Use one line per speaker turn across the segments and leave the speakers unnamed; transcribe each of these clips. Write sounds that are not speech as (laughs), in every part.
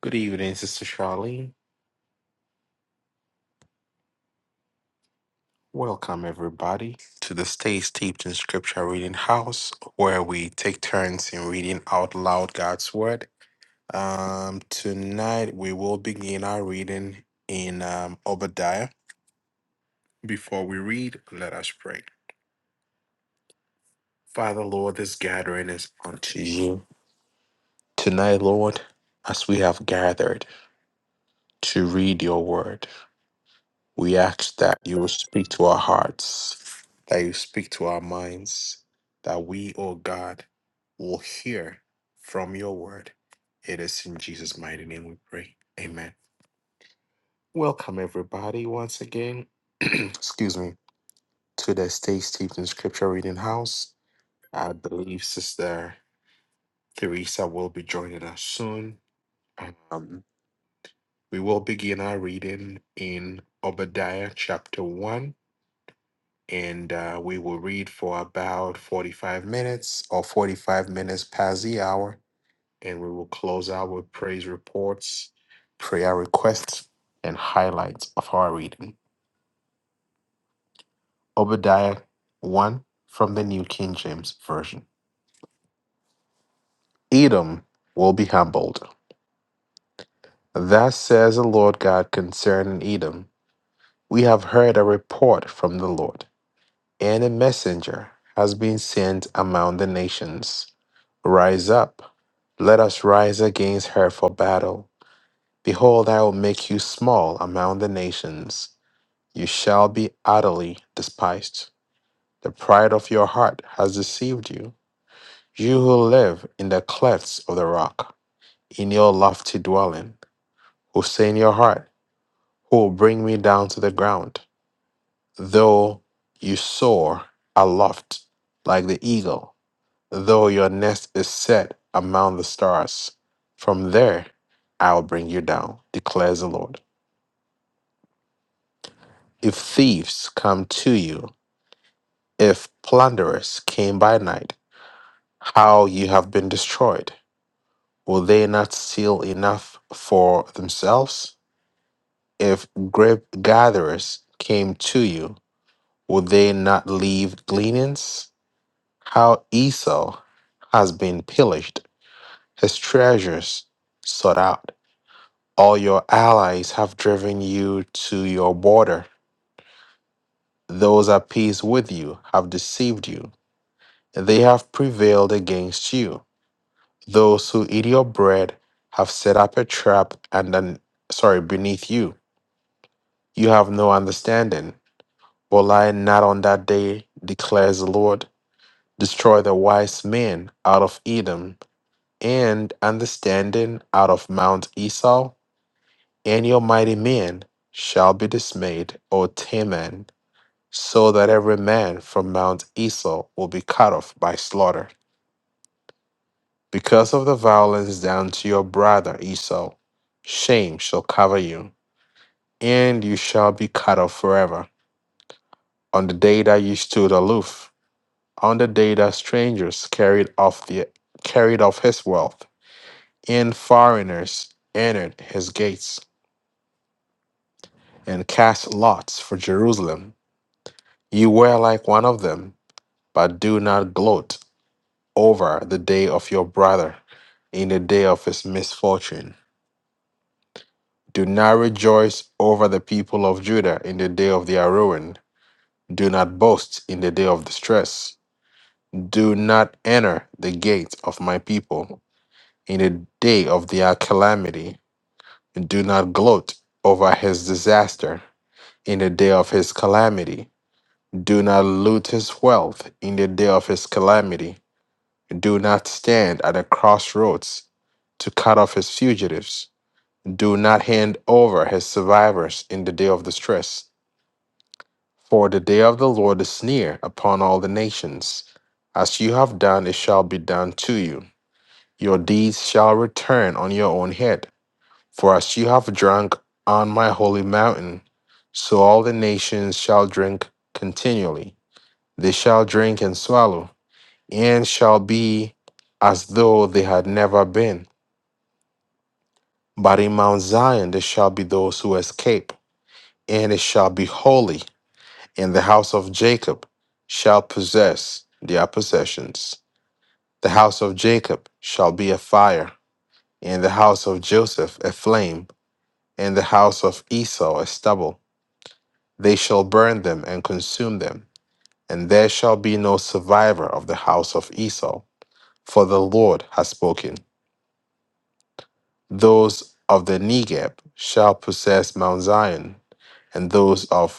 Good evening, Sister Charlene. Welcome, everybody, to the Stay Steeped in Scripture Reading House, where we take turns in reading out loud God's Word. Um, tonight, we will begin our reading in um, Obadiah. Before we read, let us pray. Father, Lord, this gathering is unto you. Tonight, Lord, as we have gathered to read your Word, We ask that you will speak to our hearts, that you speak to our minds, that we, O God, will hear from your word. It is in Jesus' mighty name we pray. Amen. Welcome, everybody, once again. (clears throat) Excuse me, to the Stay Steeped in Scripture Reading House. I believe Sister Teresa will be joining us soon. Um, we will begin our reading in Obadiah chapter 1 and uh, we will read for about 45 minutes or 45 minutes past the hour, and we will close out with praise reports, prayer requests, and highlights of our reading. Obadiah 1 from the New King James Version. Edom will be humbled. Thus says the Lord God concerning Edom We have heard a report from the Lord. and a messenger has been sent among the nations. Rise up, let us rise against her for battle. Behold, I will make you small among the nations. You shall be utterly despised. The pride of your heart has deceived you. You who live in the clefts of the rock, in your lofty dwelling, who say in your heart, Who will bring me down to the ground? Though you soar aloft like the eagle, though your nest is set among the stars. From there I will bring you down, declares the Lord. If thieves come to you, if plunderers came by night, how you have been destroyed. Will they not steal enough for themselves? If grape gatherers came to you, will they not leave gleanings? How Esau has been pillaged, his treasures sought out. All your allies have driven you to your border. Those at peace with you have deceived you. They have prevailed against you. Those who eat your bread have set up a trap and then, sorry, beneath you. You have no understanding. Will I not on that day, declares the Lord. Destroy the wise men out of Edom, and understanding out of Mount Esau, and your mighty men shall be dismayed, O Teman so that every man from Mount Esau will be cut off by slaughter. Because of the violence done to your brother Esau, shame shall cover you, and you shall be cut off forever. On the day that you stood aloof, on the day that strangers carried off the carried off his wealth, and foreigners entered his gates, and cast lots for Jerusalem, you were like one of them, but do not gloat over the day of your brother in the day of his misfortune. Do not rejoice over the people of Judah in the day of their ruin. Do not boast in the day of distress. Do not enter the gates of my people in the day of their calamity. Do not gloat over his disaster in the day of his calamity. Do not loot his wealth in the day of his calamity Do not stand at a crossroads to cut off his fugitives. Do not hand over his survivors in the day of distress. For the day of the Lord is near upon all the nations. As you have done, it shall be done to you. Your deeds shall return on your own head. For as you have drunk on my holy mountain, so all the nations shall drink continually. They shall drink and swallow, and shall be as though they had never been But in Mount Zion there shall be those who escape, and it shall be holy, and the house of Jacob shall possess their possessions. The house of Jacob shall be a fire, and the house of Joseph a flame, and the house of Esau a stubble. They shall burn them and consume them, and there shall be no survivor of the house of Esau, for the Lord has spoken. Those of the Negeb shall possess Mount Zion, and those of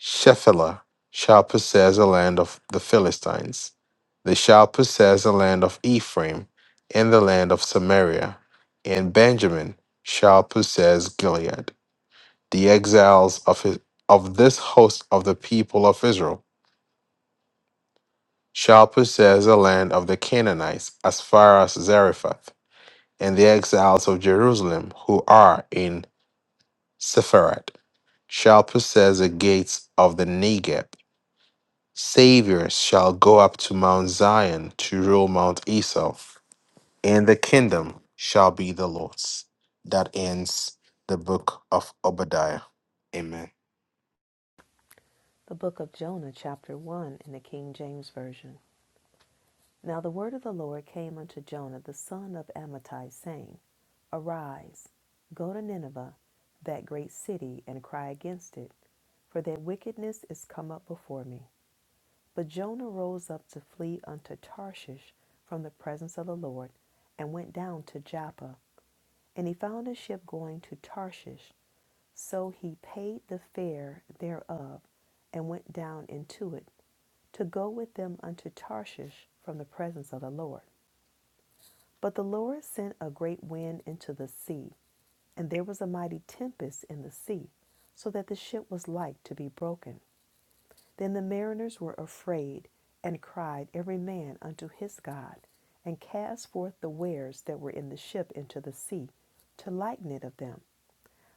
Shephelah shall possess the land of the Philistines. They shall possess the land of Ephraim and the land of Samaria, and Benjamin shall possess Gilead. The exiles of, his, of this host of the people of Israel shall possess the land of the Canaanites as far as Zarephath, and the exiles of Jerusalem who are in Sepharad shall possess the gates of the Negev Savior shall go up to Mount Zion to rule Mount Esau, and the kingdom shall be the Lord's. That ends the book of Obadiah. Amen.
The book of Jonah, chapter 1, in the King James Version. Now the word of the Lord came unto Jonah, the son of Amittai, saying, Arise, go to Nineveh, that great city, and cry against it, for their wickedness is come up before me. But Jonah rose up to flee unto Tarshish from the presence of the Lord, and went down to Joppa. And he found a ship going to Tarshish. So he paid the fare thereof, and went down into it to go with them unto Tarshish from the presence of the Lord. But the Lord sent a great wind into the sea, and there was a mighty tempest in the sea, so that the ship was like to be broken. Then the mariners were afraid, and cried every man unto his God, and cast forth the wares that were in the ship into the sea, to lighten it of them.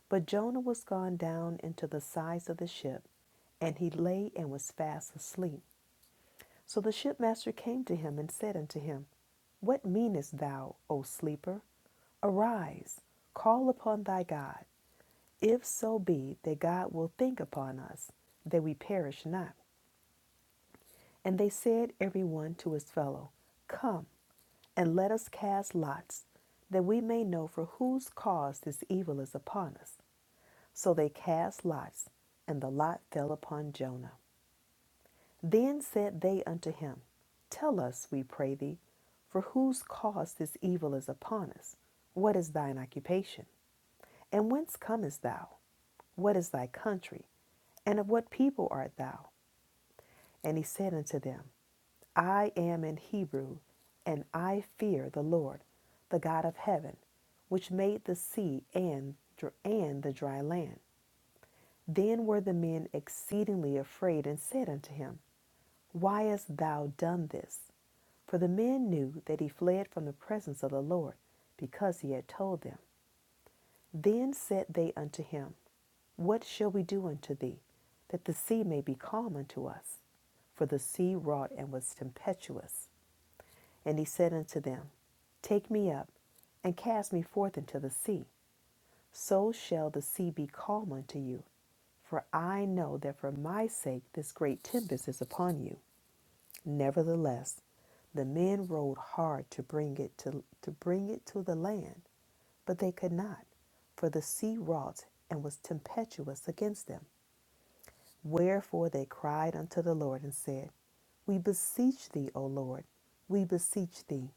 But Jonah was gone down into the sides of the ship, and he lay and was fast asleep. So the shipmaster came to him and said unto him, What meanest thou, O sleeper? Arise, call upon thy God. If so be that God will think upon us, that we perish not. And they said, every one to his fellow, Come, and let us cast lots, that we may know for whose cause this evil is upon us. So they cast lots, and the lot fell upon Jonah. Then said they unto him, Tell us, we pray thee, for whose cause this evil is upon us. What is thine occupation? And whence comest thou? What is thy country? And of what people art thou? And he said unto them, I am an Hebrew, and I fear the Lord, the God of heaven, which made the sea and, and the dry land. Then were the men exceedingly afraid and said unto him, Why hast thou done this? For the men knew that he fled from the presence of the Lord, because he had told them. Then said they unto him, What shall we do unto thee, that the sea may be calm unto us? For the sea wrought and was tempestuous. And he said unto them, Take me up, and cast me forth into the sea. So shall the sea be calm unto you. For I know that for my sake this great tempest is upon you. Nevertheless, the men rowed hard to bring it to, to bring it to the land, but they could not, for the sea wrought and was tempestuous against them. Wherefore they cried unto the Lord and said, We beseech thee, O Lord, we beseech thee,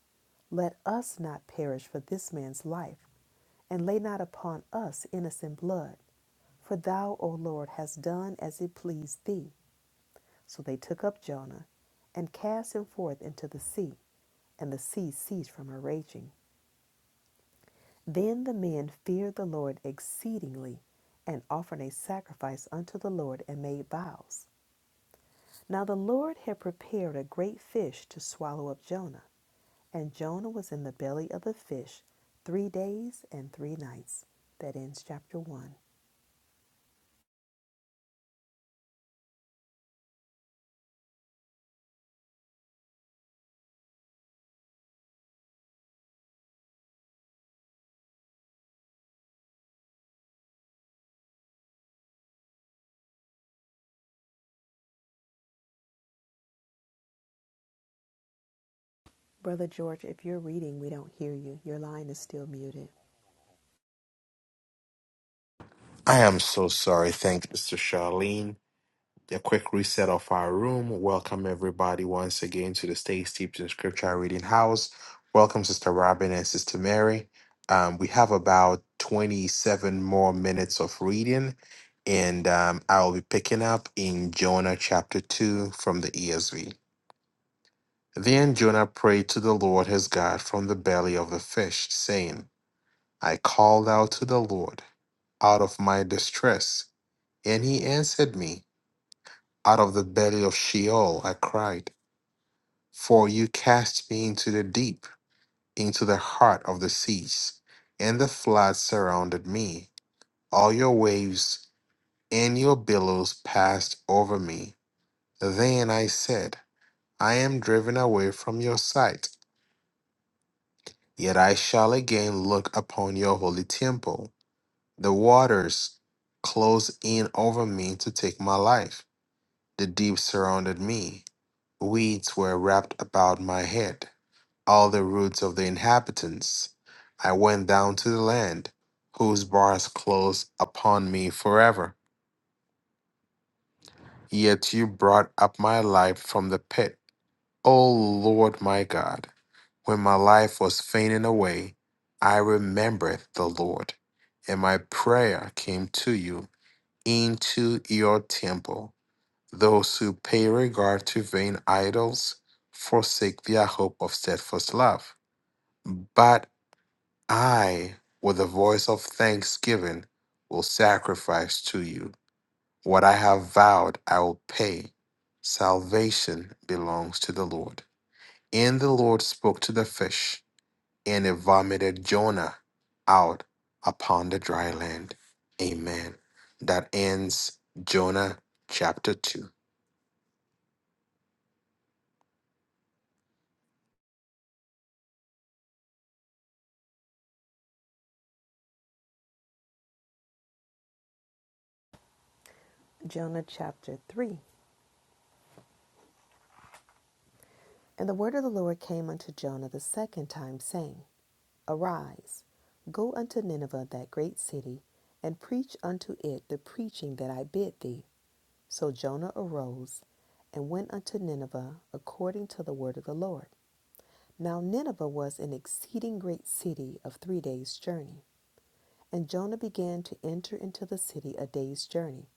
let us not perish for this man's life, and lay not upon us innocent blood. For thou, O Lord, hast done as it pleased thee. So they took up Jonah and cast him forth into the sea, and the sea ceased from her raging. Then the men feared the Lord exceedingly, and offered a sacrifice unto the Lord and made vows. Now the Lord had prepared a great fish to swallow up Jonah, and Jonah was in the belly of the fish three days and three nights. That ends chapter 1. Brother George, if you're reading, we don't hear you. Your line is still muted.
I am so sorry. Thank you, Mr. Charlene. a quick reset of our room. Welcome everybody once again to the Stay Steeped in Scripture Reading House. Welcome, Sister Robin and Sister Mary. Um, we have about 27 more minutes of reading, and um, I will be picking up in Jonah chapter 2 from the ESV. Then Jonah prayed to the Lord his God from the belly of the fish, saying, I called out to the Lord out of my distress, and he answered me. Out of the belly of Sheol I cried For you cast me into the deep, into the heart of the seas, and the floods surrounded me. All your waves and your billows passed over me. Then I said, I am driven away from your sight, yet I shall again look upon your holy temple. The waters closed in over me to take my life. The deep surrounded me. Weeds were wrapped about my head. all the roots of the inhabitants. I went down to the land, whose bars closed upon me forever. Yet you brought up my life from the pit, O Lord my God. When my life was fainting away, I remembered the Lord, and my prayer came to you into your temple. Those who pay regard to vain idols forsake their hope of steadfast love. but. I, with a voice of thanksgiving, will sacrifice to you. What I have vowed, I will pay. Salvation belongs to the Lord. And the Lord spoke to the fish, and it vomited Jonah out upon the dry land. Amen. That ends Jonah chapter 2.
Jonah chapter 3. And the word of the Lord came unto Jonah the second time, saying, Arise, go unto Nineveh, that great city, and preach unto it the preaching that I bid thee. So Jonah arose and went unto Nineveh according to the word of the Lord. Now Nineveh was an exceeding great city of three days' journey. And Jonah began to enter into the city a day's journey.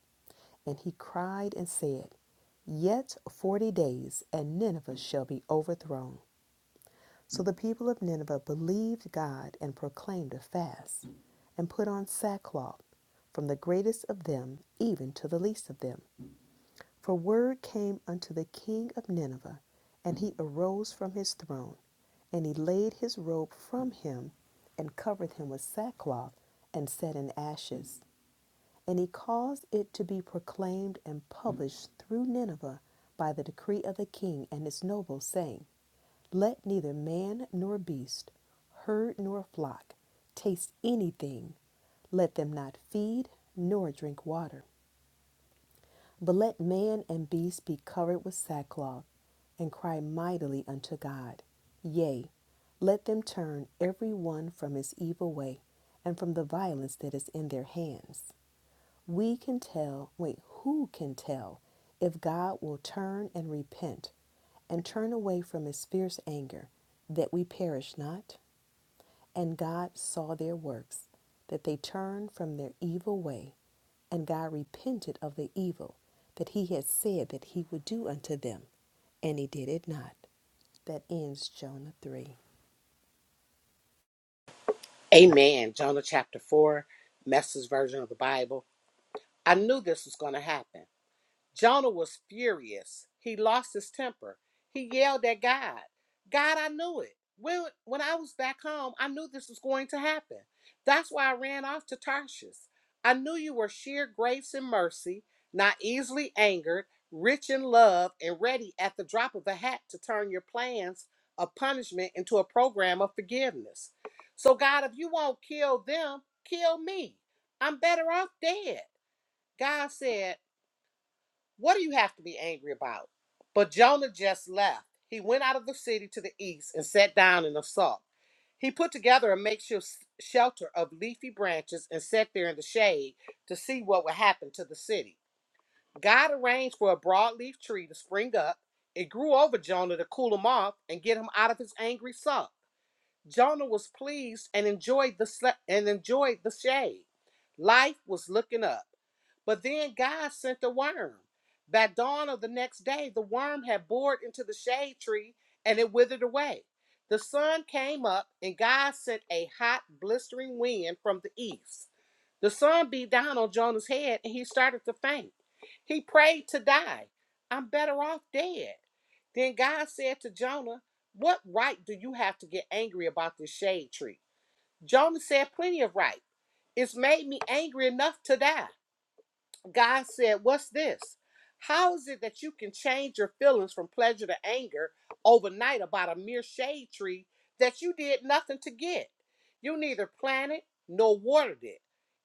And he cried and said, Yet forty days, and Nineveh shall be overthrown. So the people of Nineveh believed God and proclaimed a fast, and put on sackcloth, from the greatest of them even to the least of them. For word came unto the king of Nineveh, and he arose from his throne, and he laid his robe from him, and covered him with sackcloth, and set in ashes. And he caused it to be proclaimed and published through Nineveh by the decree of the king and his nobles, saying, Let neither man nor beast, herd nor flock, taste anything, let them not feed nor drink water. But let man and beast be covered with sackcloth and cry mightily unto God. Yea, let them turn every one from his evil way and from the violence that is in their hands. We can tell, wait, who can tell if God will turn and repent and turn away from his fierce anger that we perish not? And God saw their works, that they turned from their evil way, and God repented of the evil that he had said that he would do unto them, and he did it not that ends Jonah 3.
Amen. Jonah chapter 4, message version of the Bible. I knew this was going to happen. Jonah was furious. He lost his temper. He yelled at God. God, I knew it. When, when I was back home, I knew this was going to happen. That's why I ran off to Tarshish. I knew you were sheer grace and mercy, not easily angered, rich in love, and ready at the drop of a hat to turn your plans of punishment into a program of forgiveness. So, God, if you won't kill them, kill me. I'm better off dead. God said, what do you have to be angry about? But Jonah just left. He went out of the city to the east and sat down in the salt. He put together a makeshift shelter of leafy branches and sat there in the shade to see what would happen to the city. God arranged for a broadleaf tree to spring up. It grew over Jonah to cool him off and get him out of his angry sulk. Jonah was pleased and enjoyed the sla- and enjoyed the shade. Life was looking up. But then God sent a worm. By dawn of the next day, the worm had bored into the shade tree and it withered away. The sun came up, and God sent a hot, blistering wind from the east. The sun beat down on Jonah's head and he started to faint. He prayed to die. I'm better off dead. Then God said to Jonah, What right do you have to get angry about this shade tree? Jonah said, Plenty of right. It's made me angry enough to die. God said, What's this? How is it that you can change your feelings from pleasure to anger overnight about a mere shade tree that you did nothing to get? You neither planted nor watered it.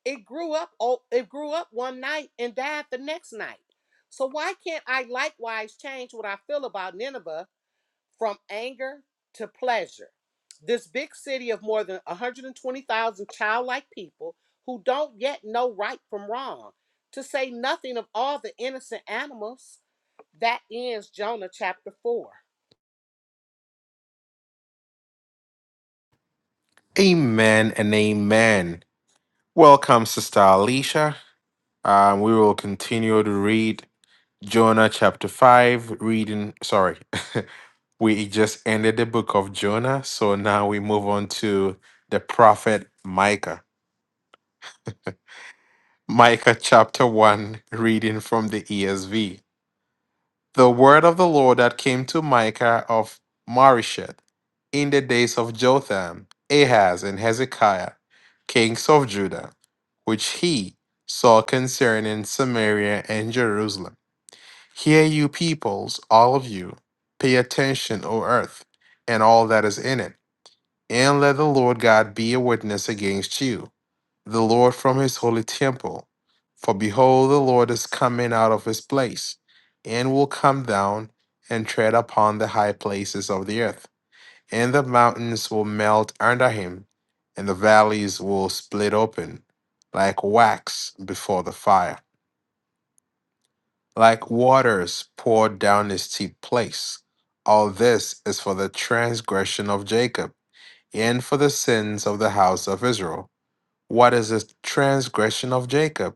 It grew up oh, it grew up one night and died the next night. So why can't I likewise change what I feel about Nineveh from anger to pleasure. This big city of more than 120,000 childlike people who don't yet know right from wrong, to say nothing of all the innocent animals. That ends Jonah chapter 4.
Amen and amen. Welcome, Sister Alicia. Um, we will continue to read Jonah chapter 5, reading, sorry, (laughs) we just ended the book of Jonah. So now we move on to the prophet Micah. Micah chapter 1, reading from the ESV. The word of the Lord that came to Micah of Marisheth in the days of Jotham, Ahaz, and Hezekiah, kings of Judah, which he saw concerning Samaria and Jerusalem. Hear, you peoples, all of you. Pay attention, O earth, and all that is in it, and let the Lord God be a witness against you, the Lord from his holy temple. For behold, the Lord is coming out of his place, and will come down and tread upon the high places of the earth. And the mountains will melt under him, and the valleys will split open like wax before the fire like waters poured down his steep place. All this is for the transgression of Jacob, and for the sins of the house of Israel. What is the transgression of Jacob?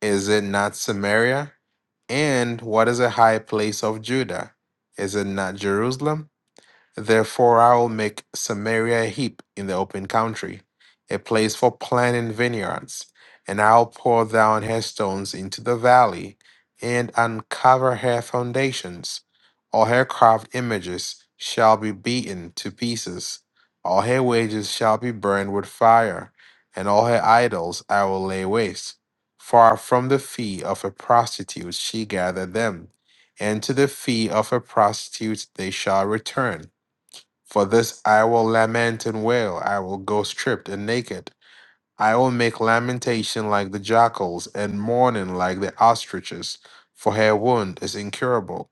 Is it not Samaria? And what is a high place of Judah? Is it not Jerusalem? Therefore I will make Samaria a heap in the open country, a place for planting vineyards, and I'll pour down her stones into the valley, and uncover her foundations. All her carved images shall be beaten to pieces, all her wages shall be burned with fire, and all her idols I will lay waste. Far from the fee of a prostitute she gathered them, and to the fee of a prostitute they shall return for this I will lament and wail, I will go stripped and naked. I will make lamentation like the jackals, and mourning like the ostriches, for her wound is incurable,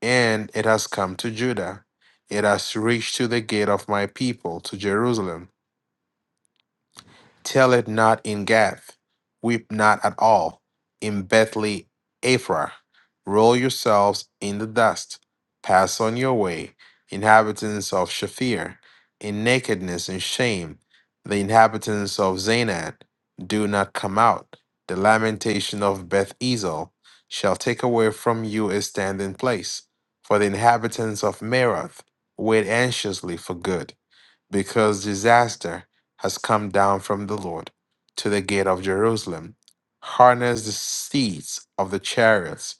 and it has come to Judah. It has reached to the gate of my people, to Jerusalem. Tell it not in Gath, weep not at all in Bethlehem, Ephraim. Roll yourselves in the dust, pass on your way, inhabitants of Shafir, in nakedness and shame. The inhabitants of Zanan do not come out. The lamentation of Beth Ezel shall take away from you a standing place. For the inhabitants of Merath wait anxiously for good because disaster has come down from the Lord to the gate of Jerusalem. Harness the steeds of the chariots,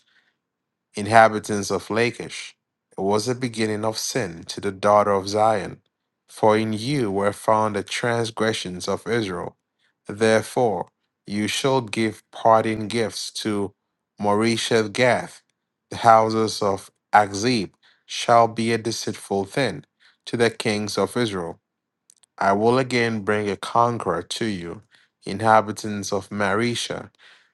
inhabitants of Lachish. It was the beginning of sin to the daughter of Zion. For in you were found the transgressions of Israel. Therefore, you shall give parting gifts to Moresheth Gath. The houses of Akzib shall be a deceitful thing to the kings of Israel I will again bring a conqueror to you, inhabitants of Marisha.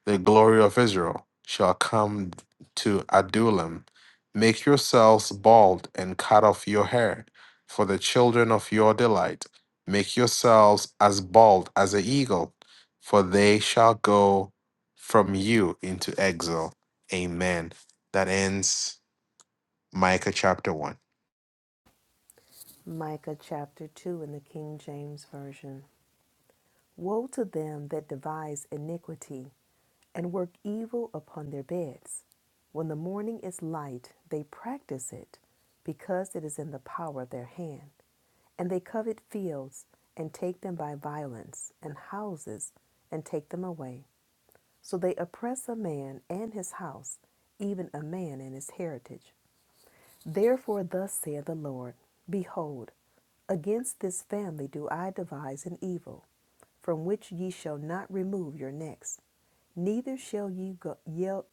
The glory of Israel shall come to Adullam. Make yourselves bald and cut off your hair, for the children of your delight. Make yourselves as bald as an eagle, for they shall go from you into exile. Amen. That ends Micah chapter 1.
Micah chapter 2 in the King James Version. Woe to them that devise iniquity and work evil upon their beds. When the morning is light, they practice it because it is in the power of their hand. And they covet fields and take them by violence, and houses and take them away. So they oppress a man and his house, even a man and his heritage. Therefore, thus saith the Lord Behold, Against this family do I devise an evil, from which ye shall not remove your necks, neither shall ye go yell,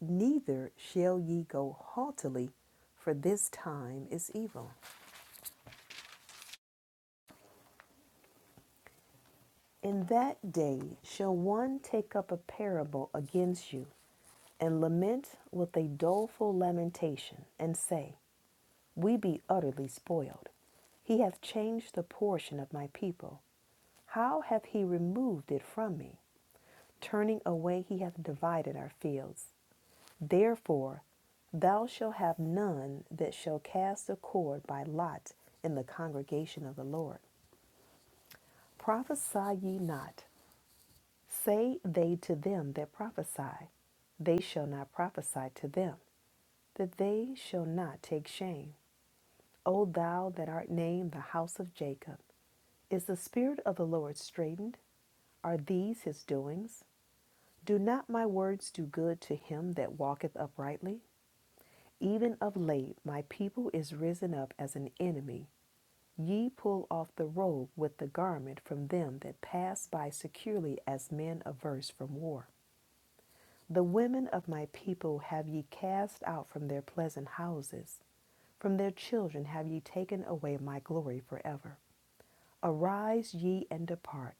neither shall ye go haughtily, for this time is evil. In that day shall one take up a parable against you, and lament with a doleful lamentation, and say, We be utterly spoiled. He hath changed the portion of my people. How hath he removed it from me? turning away he hath divided our fields. Therefore thou shalt have none that shall cast a cord by lot in the congregation of the Lord. Prophesy ye not. Say they to them that prophesy, they shall not prophesy to them, that they shall not take shame. O thou that art named the house of Jacob, is the spirit of the Lord straitened? Are these his doings? Do not my words do good to him that walketh uprightly? Even of late, my people is risen up as an enemy. Ye pull off the robe with the garment from them that pass by securely as men averse from war. The women of my people have ye cast out from their pleasant houses. From their children have ye taken away my glory forever. Arise ye and depart,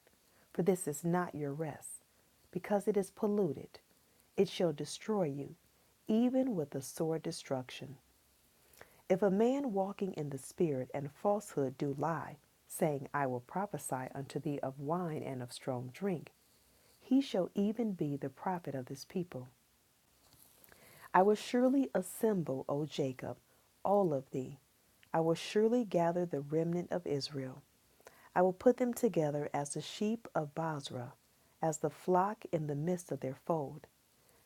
for this is not your rest, because it is polluted. It shall destroy you, even with the sore destruction. If a man walking in the Spirit and falsehood do lie, saying, I will prophesy unto thee of wine and of strong drink, he shall even be the prophet of this people. I will surely assemble, O Jacob, all of thee. I will surely gather the remnant of Israel. I will put them together as the sheep of Basra, as the flock in the midst of their fold.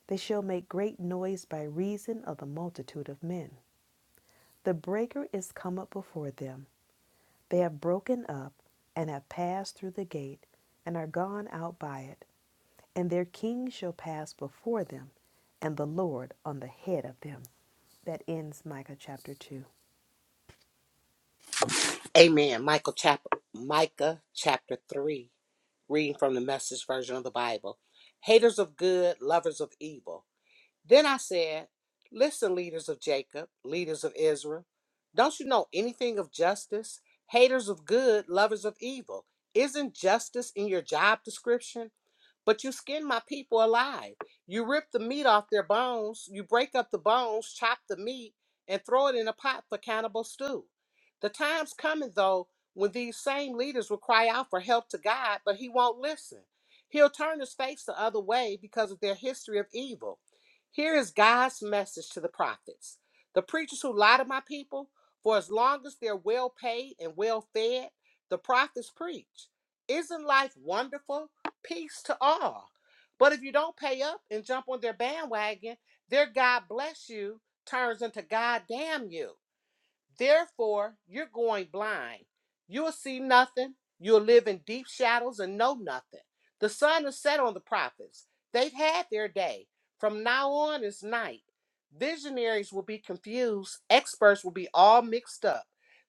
They shall make great noise by reason of the multitude of men. The breaker is come up before them, They have broken up and have passed through the gate and are gone out by it, and their king shall pass before them, and the Lord on the head of them. That ends Micah chapter 2.
Amen. Michael chapter Micah chapter 3, reading from the message version of the Bible. Haters of good, lovers of evil Then I said, Listen, leaders of Jacob, leaders of Israel, don't you know anything of justice? Haters of good, lovers of evil. Isn't justice in your job description? But you skin my people alive. You rip the meat off their bones, you break up the bones, chop the meat, and throw it in a pot for cannibal stew. The time's coming, though, when these same leaders will cry out for help to God, but He won't listen. He'll turn his face the other way because of their history of evil. Here is God's message to the prophets. The preachers who lie to my people, for as long as they're well paid and well fed, the prophets preach. Isn't life wonderful? peace to all. But if you don't pay up and jump on their bandwagon, their God bless you turns into God damn you. Therefore, you're going blind. You'll see nothing. You'll live in deep shadows and know nothing. The sun is set on the prophets. They've had their day. From now on, it's night. Visionaries will be confused. Experts will be all mixed up.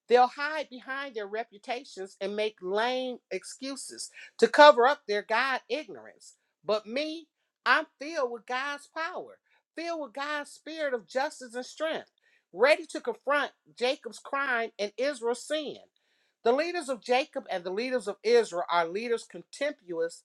They'll hide behind their reputations and make lame excuses to cover up their God ignorance. But me, I'm filled with God's power, filled with God's spirit of justice and strength ready to confront Jacob's crime and Israel's sin. The leaders of Jacob and the leaders of Israel are leaders contemptuous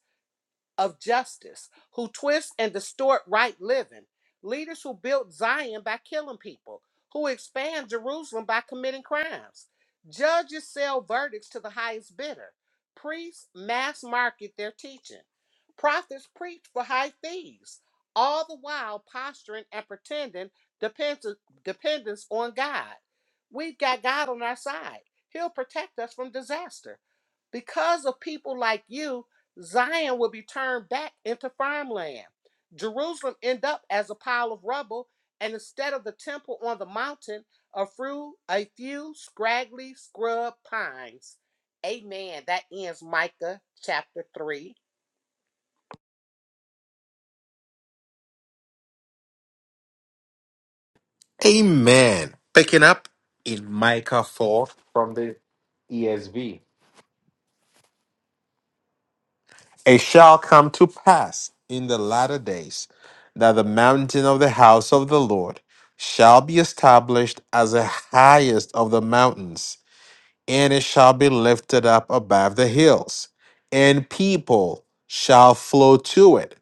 of justice, who twist and distort right living, leaders who built Zion by killing people, who expand Jerusalem by committing crimes. Judges sell verdicts to the highest bidder. Priests mass market their teaching. Prophets preach for high fees, all the while posturing and pretending depends- dependence on God. We've got God on our side. He'll protect us from disaster because of people like you Zion will be turned back into farmland. Jerusalem end up as a pile of rubble, and instead of the temple on the mountain, a few, a few scraggly scrub pines. Amen. That ends Micah chapter 3.
Amen. Picking up in Micah 4 from the ESV. It shall come to pass in the latter days that the mountain of the house of the Lord shall be established as the highest of the mountains and it shall be lifted up above the hills, and people shall flow to it,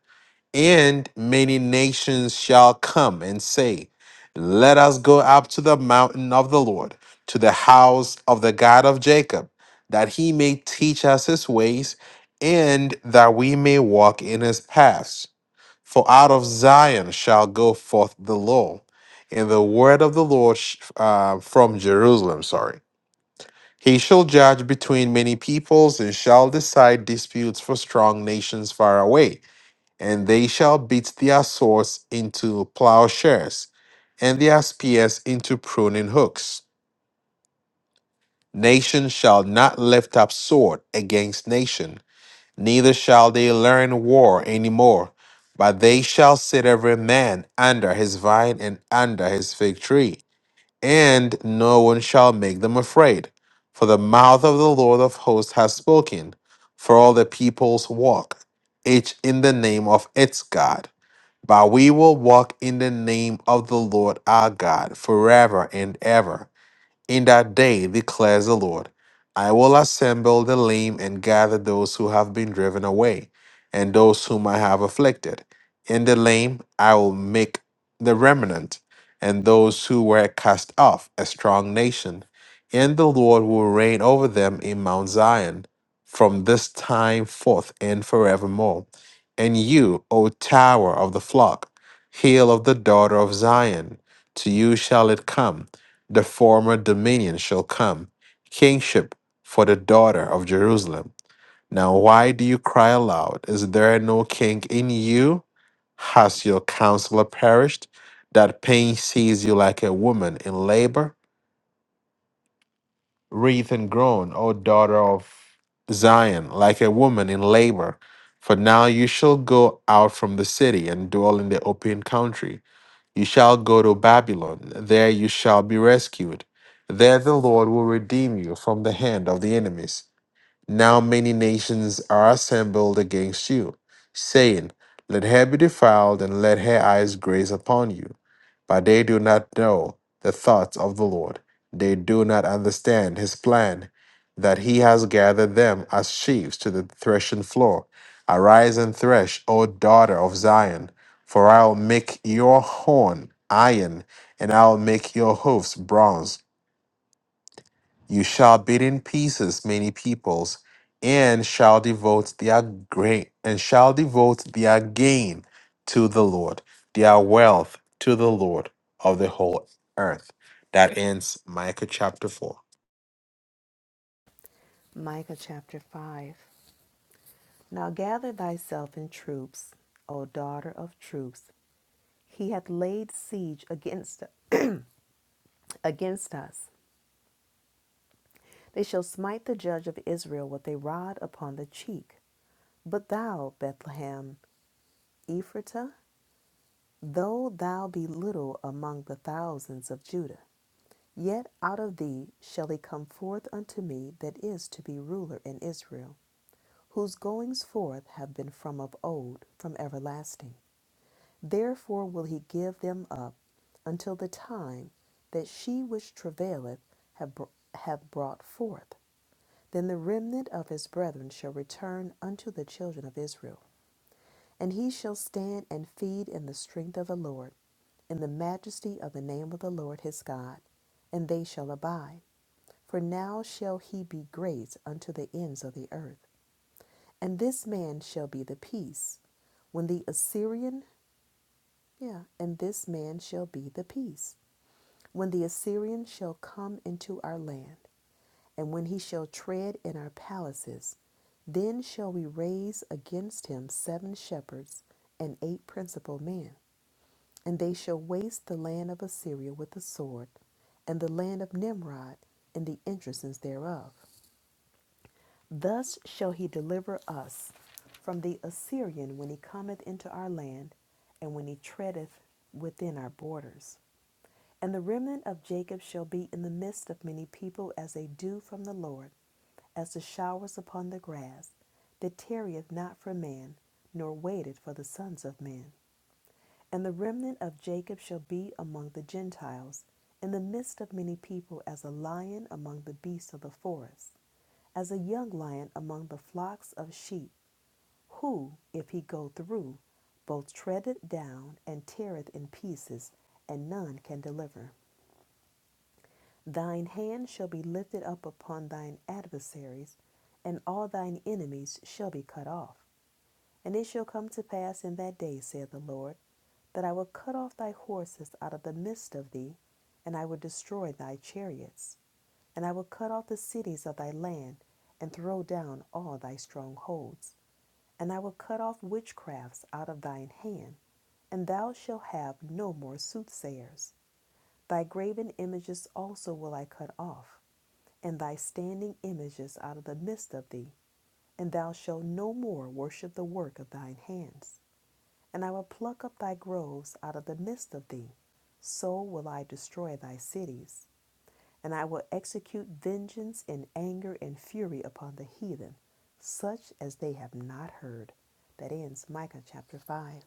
and many nations shall come and say, Let us go up to the mountain of the Lord, to the house of the God of Jacob, that he may teach us his ways, and that we may walk in his paths. For out of Zion shall go forth the law, and the word of the Lord sh- uh, from Jerusalem. Sorry. He shall judge between many peoples and shall decide disputes for strong nations far away, and they shall beat their swords into plowshares and their spears into pruning hooks. Nation shall not lift up sword against nation, neither shall they learn war any more, but they shall sit every man under his vine and under his fig tree and no one shall make them afraid. For the mouth of the Lord of hosts has spoken, for all the peoples walk, each in the name of its God. But we will walk in the name of the Lord our God forever and ever. In that day, declares the Lord, I will assemble the lame and gather those who have been driven away, and those whom I have afflicted. In the lame I will make the remnant, and those who were cast off, a strong nation. And the Lord will reign over them in Mount Zion, from this time forth and forevermore. And you, O tower of the flock, hail of the daughter of Zion, to you shall it come the former dominion shall come, kingship for the daughter of Jerusalem. Now, why do you cry aloud? Is there no king in you? Has your counselor perished? That pain sees you like a woman in labor? Wreathe and groan, O daughter of Zion, like a woman in labor. For now you shall go out from the city and dwell in the open country. You shall go to Babylon. There you shall be rescued. There the Lord will redeem you from the hand of the enemies. Now many nations are assembled against you, saying, Let her be defiled, and let her eyes graze upon you. But they do not know the thoughts of the Lord. They do not understand his plan, that he has gathered them as sheaves to the threshing floor. Arise and thresh, O daughter of Zion, for I will make your horn iron, and I will make your hoofs bronze. You shall beat in pieces many peoples, and shall devote their grain and shall devote their gain to the Lord, their wealth to the Lord of the whole earth. That ends Micah chapter four.
Micah chapter 5. Now gather thyself in troops, O daughter of troops. He hath laid siege against, against us. They shall smite the judge of Israel with a rod upon the cheek. But thou, Bethlehem, Ephratah, Though thou be little among the thousands of Judah, yet out of thee shall he come forth unto me that is to be ruler in Israel, whose goings forth have been from of old, from everlasting. Therefore will he give them up until the time that she which travaileth have, br- have brought forth. Then the remnant of his brethren shall return unto the children of Israel, and he shall stand and feed in the strength of the Lord in the majesty of the name of the Lord his God, and they shall abide. For now shall he be great unto the ends of the earth. And this man shall be the peace. When the Assyrian, yeah, and this man shall be the peace. When the Assyrian shall come into our land, and when he shall tread in our palaces, then shall we raise against him seven shepherds and eight principal men. And they shall waste the land of Assyria with the sword, and the land of Nimrod, and the entrances thereof. Thus shall he deliver us from the Assyrian when he cometh into our land, and when he treadeth within our borders. And the remnant of Jacob shall be in the midst of many people as a dew from the Lord, as the showers upon the grass, that tarrieth not for man, nor waiteth for the sons of men. And the remnant of Jacob shall be among the Gentiles, in the midst of many people, as a lion among the beasts of the forest, as a young lion among the flocks of sheep, who, if he go through, both treadeth down and teareth in pieces, and none can deliver. Thine hand shall be lifted up upon thine adversaries, and all thine enemies shall be cut off. And it shall come to pass in that day, saith the Lord, that I will cut off thy horses out of the midst of thee, and I will destroy thy chariots, and I will cut off the cities of thy land, and throw down all thy strongholds. And I will cut off witchcrafts out of thine hand, and thou shalt have no more soothsayers. Thy graven images also will I cut off, and thy standing images out of the midst of thee, and thou shalt no more worship the work of thine hands and I will pluck up thy groves out of the midst of thee. So will I destroy thy cities, and I will execute vengeance in anger and fury upon the heathen, such as they have not heard. That ends Micah chapter 5.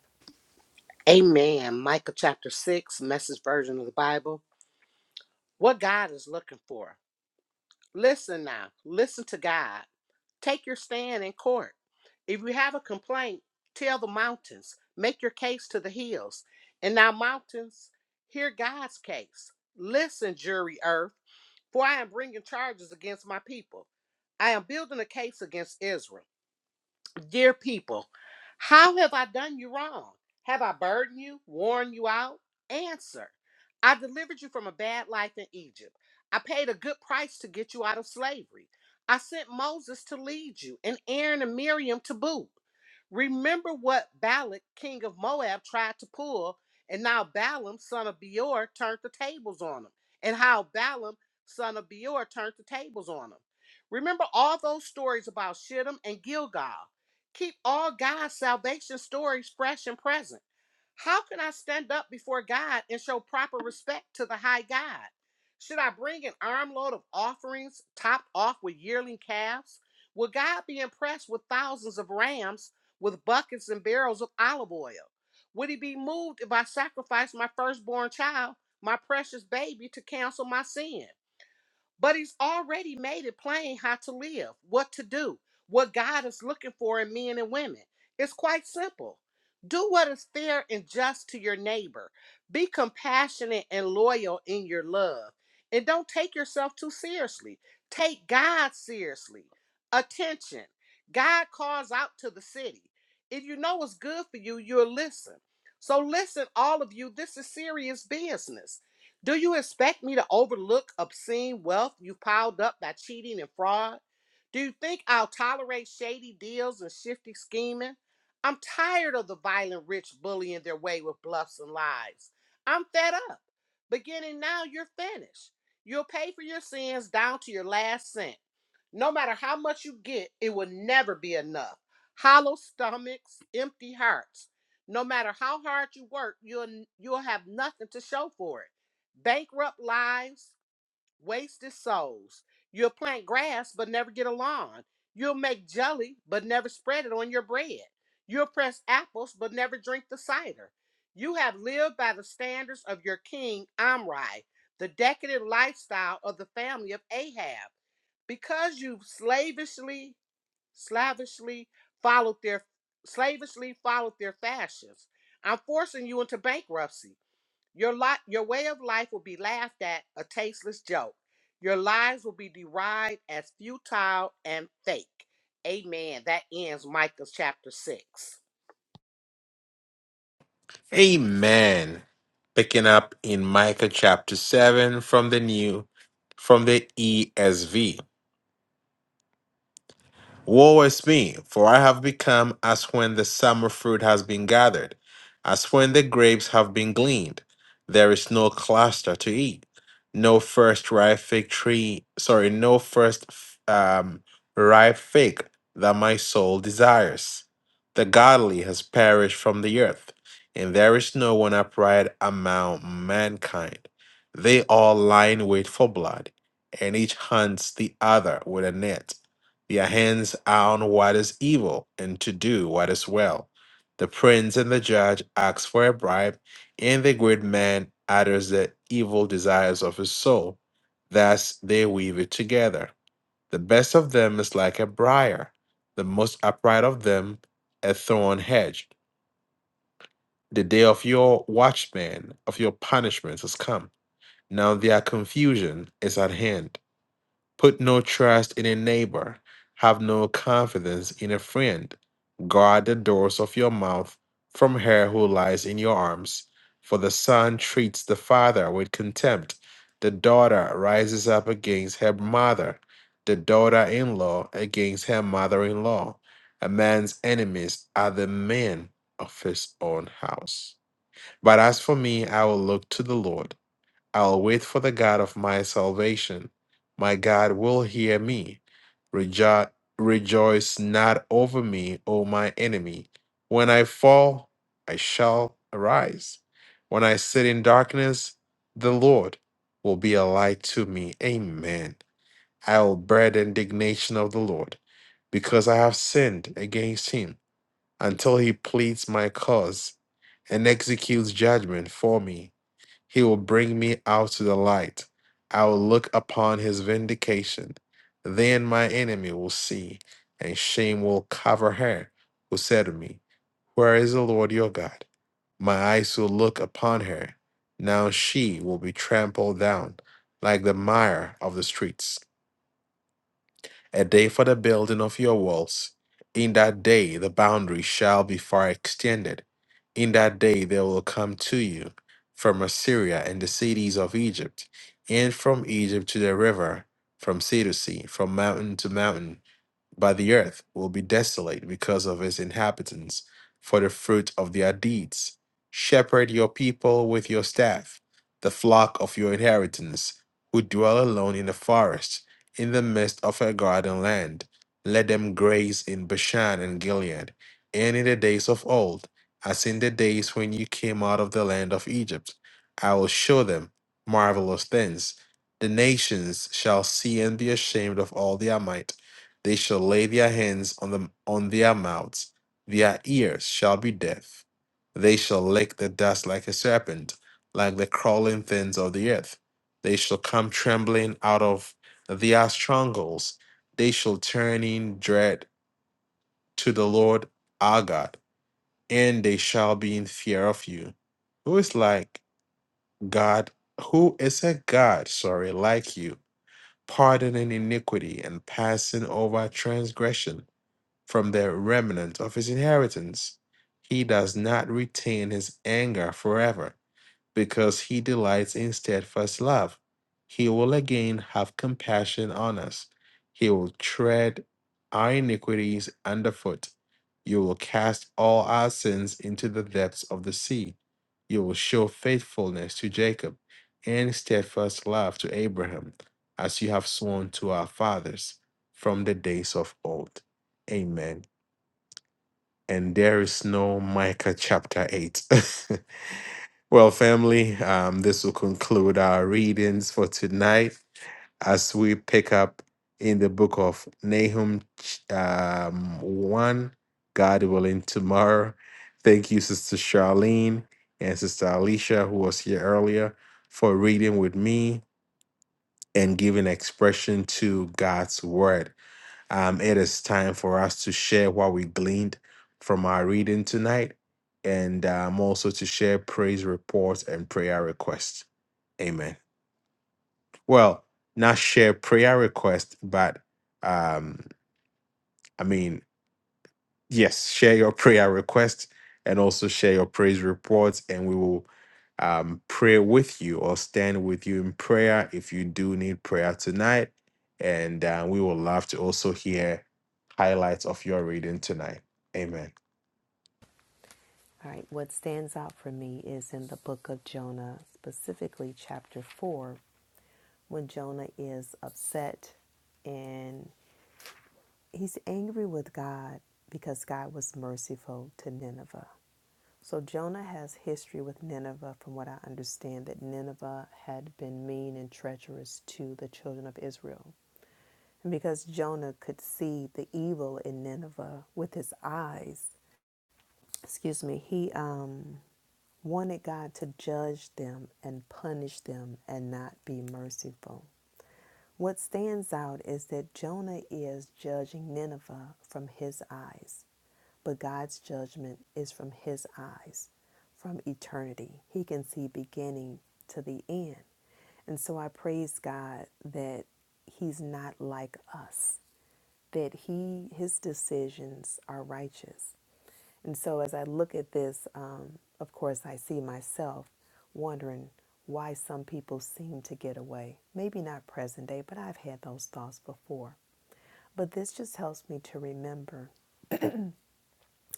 Amen. Micah chapter 6, message version of the Bible. What God is looking for. Listen now. Listen to God. Take your stand in court. If you have a complaint, tell the mountains, make your case to the hills. And now, mountains, hear God's case. Listen, jury earth, for I am bringing charges against my people. I am building a case against Israel. Dear people, how have I done you wrong? Have I burdened you, worn you out? Answer I delivered you from a bad life in Egypt. I paid a good price to get you out of slavery. I sent Moses to lead you, and Aaron and Miriam to boot. Remember what Balak, king of Moab, tried to pull, and now Balaam, son of Beor, turned the tables on him, and how Balaam, son of Beor, turned the tables on him. Remember all those stories about Shittim and Gilgal. Keep all God's salvation stories fresh and present. How can I stand up before God and show proper respect to the high God? Should I bring an armload of offerings topped off with yearling calves? Will God be impressed with thousands of rams with buckets and barrels of olive oil? Would he be moved if I sacrificed my firstborn child, my precious baby, to cancel my sin? But he's already made it plain how to live, what to do, what God is looking for in men and women. It's quite simple. Do what is fair and just to your neighbor. Be compassionate and loyal in your love. And don't take yourself too seriously. Take God seriously. Attention. God calls out to the city. If you know what's good for you, you'll listen. So listen, all of you, this is serious business. Do you expect me to overlook obscene wealth you've piled up by cheating and fraud? Do you think I'll tolerate shady deals and shifty scheming? I'm tired of the violent rich bullying their way with bluffs and lies. I'm fed up. Beginning now, you're finished. You'll pay for your sins down to your last cent. No matter how much you get, it will never be enough. Hollow stomachs, empty hearts. No matter how hard you work, you'll you'll have nothing to show for it. Bankrupt lives, wasted souls. You'll plant grass but never get a lawn. You'll make jelly but never spread it on your bread. You'll press apples but never drink the cider. You have lived by the standards of your king Amri, the decadent lifestyle of the family of Ahab because you have slavishly, slavishly followed their slavishly followed their fashions. I'm forcing you into bankruptcy. Your lot, your way of life will be laughed at, a tasteless joke. Your lives will be derided as futile and fake. Amen. That ends Micah chapter six.
Amen. Picking up in Micah chapter seven from the new from the ESV. Woe is me, for I have become as when the summer fruit has been gathered, as when the grapes have been gleaned. There is no cluster to eat, no first ripe fig tree, sorry, no first f- um, ripe fig that my soul desires. The godly has perished from the earth, and there is no one upright among mankind. They all lie in wait for blood, and each hunts the other with a net. Their hands are on what is evil and to do what is well. The prince and the judge asks for a bribe, and the great man utters the evil desires of his soul. Thus they weave it together. The best of them is like a briar, the most upright of them a thorn hedge. The day of your watchman, of your punishment, has come. Now their confusion is at hand Put no trust in a neighbor. Have no confidence in a friend. Guard the doors of your mouth from her who lies in your arms. For the son treats the father with contempt. The daughter rises up against her mother. The daughter in law against her mother in law. A man's enemies are the men of his own house. But as for me, I will look to the Lord. I'll wait for the God of my salvation. My God will hear me. Rejo- rejoice not over me, O my enemy. When I fall, I shall arise. When I sit in darkness, the Lord will be a light to me. Amen. I will bear the indignation of the Lord because I have sinned against him until he pleads my cause and executes judgment for me. He will bring me out to the light. I will look upon his vindication. Then my enemy will see, and shame will cover her who said to me, Where is the Lord your God? My eyes will look upon her. Now she will be trampled down like the mire of the streets a day for the building of your walls. In that day the boundaries shall be far extended. In that day they will come to you from Assyria and the cities of Egypt, and from Egypt to the river, from sea to sea, from mountain to mountain. But the earth will be desolate because of its inhabitants, for the fruit of their deeds. Shepherd your people with your staff, the flock of your inheritance, who dwell alone in the forest in the midst of her garden land. Let them graze in Bashan and Gilead, and in the days of old, as in the days when you came out of the land of Egypt. I will show them marvelous things. The nations shall see and be ashamed of all their might. They shall lay their hands on them on their mouths. Their ears shall be deaf. They shall lick the dust like a serpent, like the crawling things of the earth. They shall come trembling out of the Astrongals, they shall turn in dread to the Lord our God, and they shall be in fear of you. Who is like God? Who is a God, sorry, like you, pardoning iniquity and passing over transgression from the remnant of his inheritance? He does not retain his anger forever because he delights in steadfast love. He will again have compassion on us. He will tread our iniquities underfoot. You will cast all our sins into the depths of the sea. You will show faithfulness to Jacob and steadfast love to Abraham, as you have sworn to our fathers from the days of old. Amen. And there is no Micah chapter 8. (laughs) Well, family, um, this will conclude our readings for tonight as we pick up in the book of Nahum ch- um, 1, God willing, tomorrow. Thank you, Sister Charlene and Sister Alicia, who was here earlier, for reading with me and giving expression to God's word. Um, it is time for us to share what we gleaned from our reading tonight and um, also to share praise reports and prayer requests. Amen. Well, not share prayer requests, but um, I mean, yes, share your prayer request and also share your praise reports, and we will um, pray with you or stand with you in prayer if you do need prayer tonight. And uh, we will love to also hear highlights of your reading tonight. Amen.
All right, what stands out for me is in the book of Jonah, specifically chapter 4, when Jonah is upset and he's angry with God because God was merciful to Nineveh. So Jonah has history with Nineveh, from what I understand, that Nineveh had been mean and treacherous to the children of Israel. And because Jonah could see the evil in Nineveh with his eyes, excuse me, he um, wanted God to judge them and punish them and not be merciful. What stands out is that Jonah is judging Nineveh from his eyes, but God's judgment is from his eyes, from eternity. He can see beginning to the end. And so I praise God that he's not like us, that he his decisions are righteous. And so as I look at this, um, of course, I see myself wondering why some people seem to get away. Maybe not present day, but I've had those thoughts before. But this just helps me to remember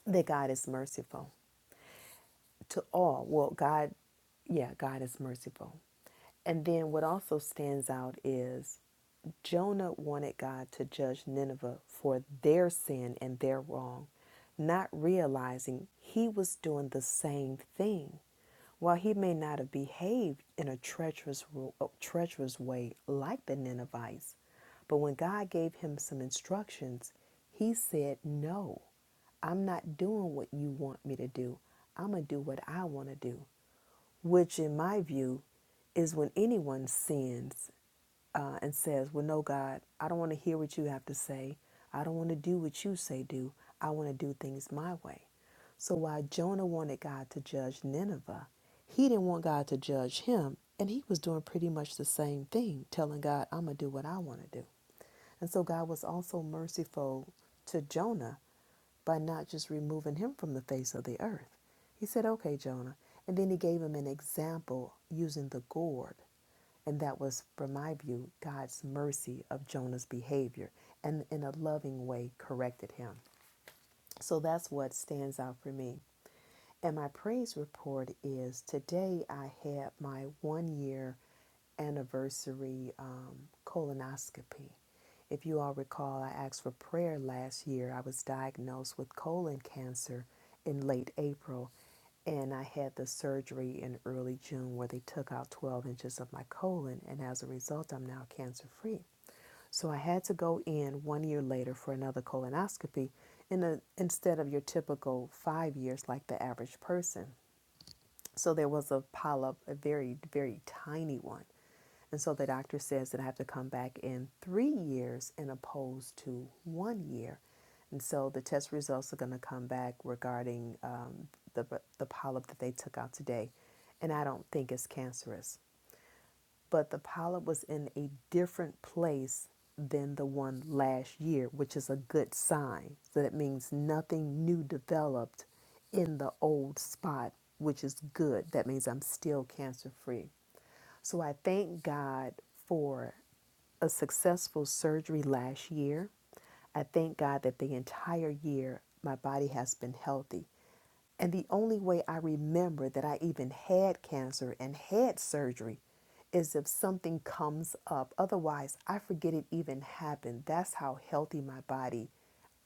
that God is merciful to all. Well, God, yeah, God is merciful. And then what also stands out is Jonah wanted God to judge Nineveh for their sin and their wrong, not realizing he was doing the same thing. While he may not have behaved in a treacherous, uh, treacherous way like the Ninevites, but when God gave him some instructions, he said no. I'm not doing what you want me to do. I'm going to do what I want to do, which, in my view, is when anyone sins uh, and says, Well, no, God, I don't want to hear what you have to say. I don't want to do what you say do. I want to do things my way. So while Jonah wanted God to judge Nineveh, he didn't want God to judge him. And he was doing pretty much the same thing, telling God, I'm going to do what I want to do. And so God was also merciful to Jonah by not just removing him from the face of the earth. He said, Okay, Jonah. And then he gave him an example using the gourd. And that was, from my view, God's mercy of Jonah's behavior and in a loving way corrected him. So that's what stands out for me. And my praise report is today I had my one year anniversary um, colonoscopy. If you all recall, I asked for prayer last year. I was diagnosed with colon cancer in late April, and I had the surgery in early June where they took out 12 inches of my colon, and as a result, I'm now cancer free. So I had to go in one year later for another colonoscopy in a, instead of your typical five years like the average person. So there was a polyp, a very, very tiny one. And so the doctor says that I have to come back in three years and opposed to one year. And so the test results are going to come back regarding um, the, the polyp that they took out today. And I don't think it's cancerous but the polyp was in a different place than the one last year, which is a good sign. So that means nothing new developed in the old spot, which is good. That means I'm still cancer free. So I thank God for a successful surgery last year. I thank God that the entire year my body has been healthy. And the only way I remember that I even had cancer and had surgery is if something comes up. Otherwise, I forget it even happened. That's how healthy my body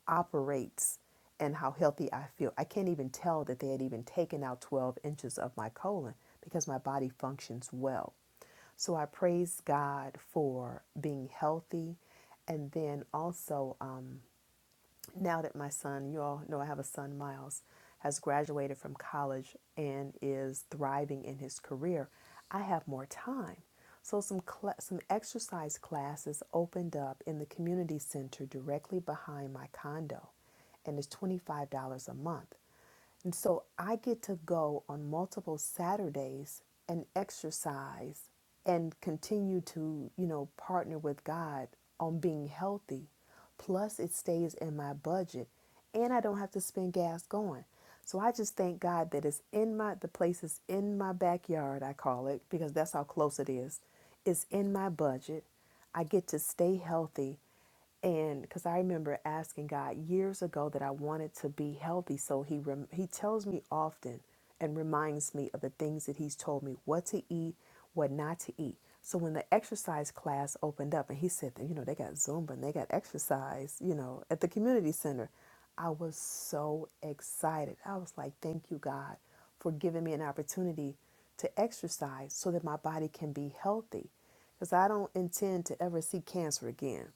operates and how healthy I feel. I can't even tell that they had even taken out 12 inches of my colon because my body functions well. So I praise God for being healthy. And then also, um, now that my son, you all know I have a son, Miles, has graduated from college and is thriving in his career, I have more time. So some cla some exercise classes opened up in the community center directly behind my condo, and it's twenty five dollars a month. And so I get to go on multiple Saturdays and exercise and continue to, you know, partner with God on being healthy. Plus, it stays in my budget and I don't have to spend gas going. So I just thank God that it's in my, the place is in my backyard, I call it, because that's how close it is. It's in my budget. I get to stay healthy and because I remember asking God years ago that I wanted to be healthy, so He rem- He tells me often and reminds me of the things that He's told me what to eat, what not to eat. So when the exercise class opened up, and He said that you know they got Zumba and they got exercise, you know, at the community center, I was so excited. I was like, thank you, God, for giving me an opportunity to exercise so that my body can be healthy because I don't intend to ever see cancer again.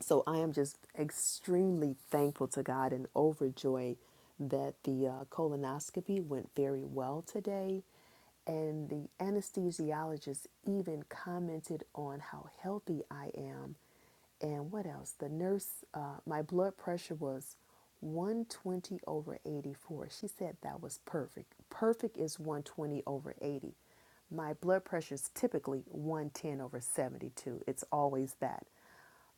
So I am just extremely thankful to God and overjoyed that the uh, colonoscopy went very well today. And the anesthesiologist even commented on how healthy I am. And what else? The nurse, uh, my blood pressure was 120 over 84. She said that was perfect. Perfect is 120 over 80. My blood pressure is typically 110 over 72. It's always that.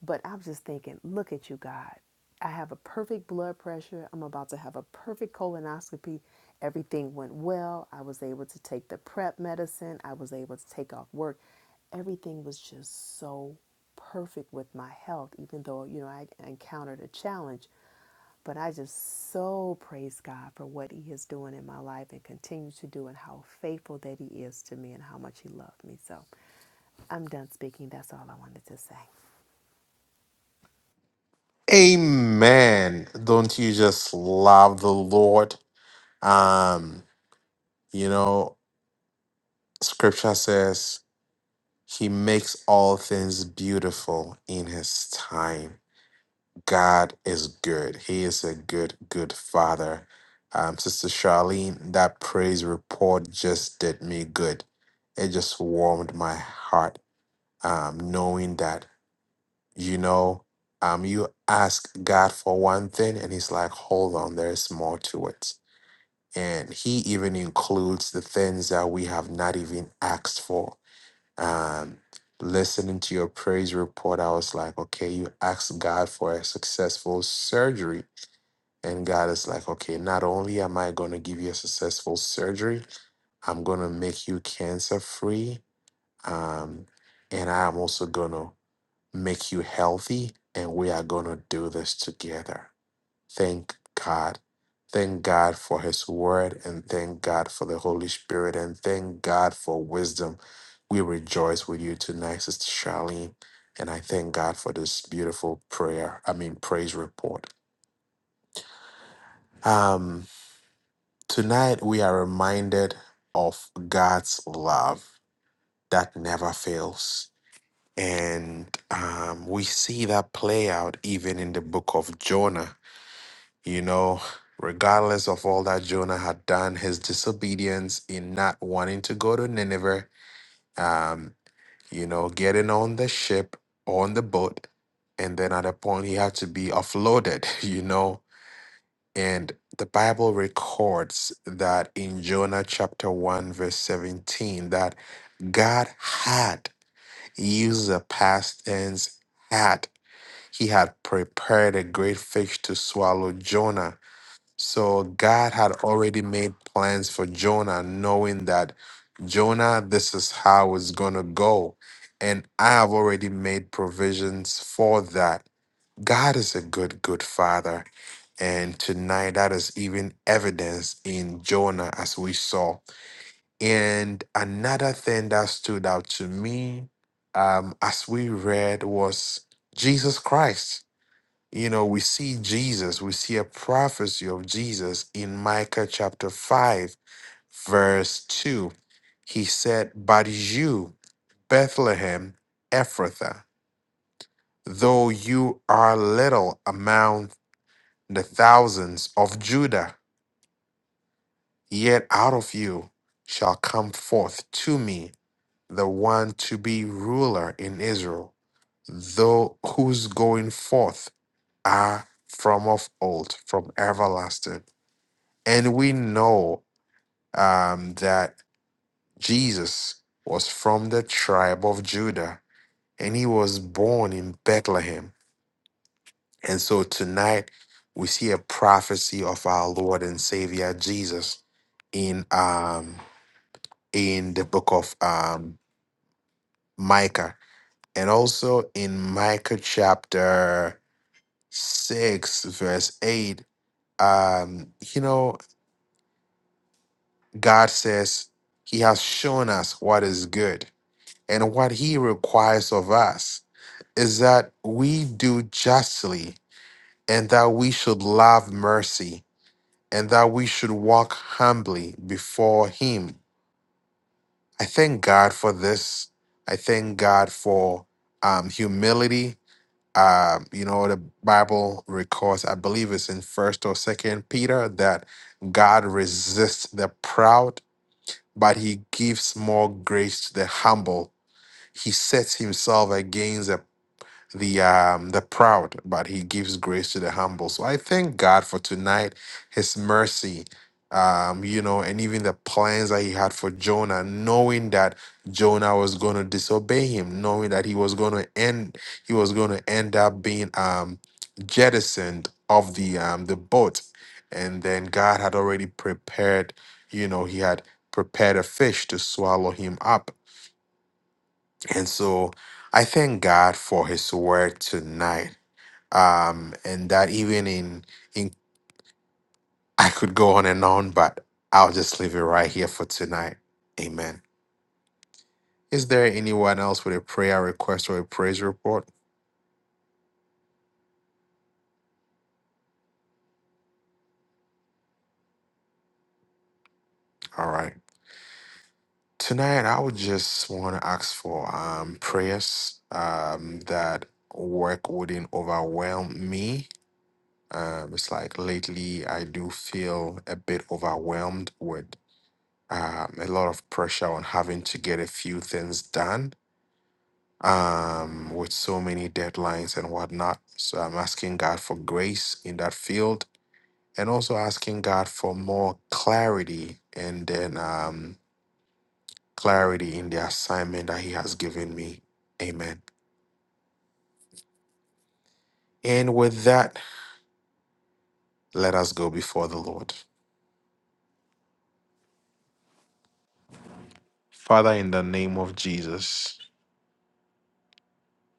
But I'm just thinking, look at you, God. I have a perfect blood pressure. I'm about to have a perfect colonoscopy. Everything went well. I was able to take the prep medicine. I was able to take off work. Everything was just so perfect with my health, even though, you know, I encountered a challenge. But I just so praise God for what He is doing in my life and continues to do, and how faithful that He is to me and how much He loved me. So I'm done speaking. That's all I wanted to say.
Amen. Don't you just love the Lord? Um, you know, scripture says he makes all things beautiful in his time. God is good. He is a good, good father. Um, Sister Charlene, that praise report just did me good. It just warmed my heart, um, knowing that, you know, um, you ask God for one thing and He's like, hold on, there's more to it. And He even includes the things that we have not even asked for. Um, listening to your praise report, I was like, okay, you asked God for a successful surgery and God is like, okay, not only am I going to give you a successful surgery, I'm going to make you cancer free. Um, and I'm also going to make you healthy. And we are going to do this together. Thank God. Thank God for His Word. And thank God for the Holy Spirit. And thank God for wisdom. We rejoice with you tonight, Sister Charlene. And I thank God for this beautiful prayer, I mean, praise report. Um. Tonight, we are reminded of God's love that never fails. And um, we see that play out even in the book of Jonah. You know, regardless of all that Jonah had done, his disobedience in not wanting to go to Nineveh, um, you know, getting on the ship, on the boat, and then at a point he had to be offloaded, (laughs) you know, and the Bible records that in Jonah chapter 1, verse 17, that God had used the past tense had. He had prepared a great fish to swallow Jonah. So God had already made plans for Jonah, knowing that Jonah, this is how it's going to go. And I have already made provisions for that. God is a good, good father. And tonight, that is even evidenced in Jonah, as we saw. And another thing that stood out to me um, as we read was Jesus Christ. You know, we see Jesus, we see a prophecy of Jesus in Micah chapter 5, verse 2. He said, But you, Bethlehem, Ephrathah, though you are little among the thousands of Judah, yet out of you shall come forth to me the one to be ruler in Israel, though whose going forth are from of old, from everlasting. And we know um, that Jesus was from the tribe of Judah and he was born in Bethlehem. And so tonight we see a prophecy of our Lord and Savior Jesus in um in the book of um, Micah and also in Micah chapter 6, verse 8. Um, you know, God says He has shown us what is good, and what He requires of us is that we do justly, and that we should love mercy, and that we should walk humbly before Him. I thank God for this. I thank God for um, humility Uh, you know, the Bible records, I believe it's in First or Second Peter, that God resists the proud, but He gives more grace to the humble. He sets Himself against the the um the proud but he gives grace to the humble so i thank god for tonight his mercy um you know and even the plans that he had for jonah knowing that jonah was going to disobey him knowing that he was going to end he was going to end up being um jettisoned of the um the boat and then god had already prepared you know he had prepared a fish to swallow him up and so i thank god for his word tonight um, and that even in, in (laughs) I could go on and on, but I'll just leave it right here for tonight. Amen. Is there anyone else with a prayer request or a praise report? All right. Tonight, I would just want to ask for um, prayers um, that work wouldn't overwhelm me. Um, it's like lately, I do feel a bit overwhelmed with um, a lot of pressure on having to get a few things done um, with so many deadlines and whatnot. So I'm asking God for grace in that field and also asking God for more clarity and then um, clarity in the assignment that He has given me. Amen. And with that, let us go before the Lord. Father, in the name of Jesus,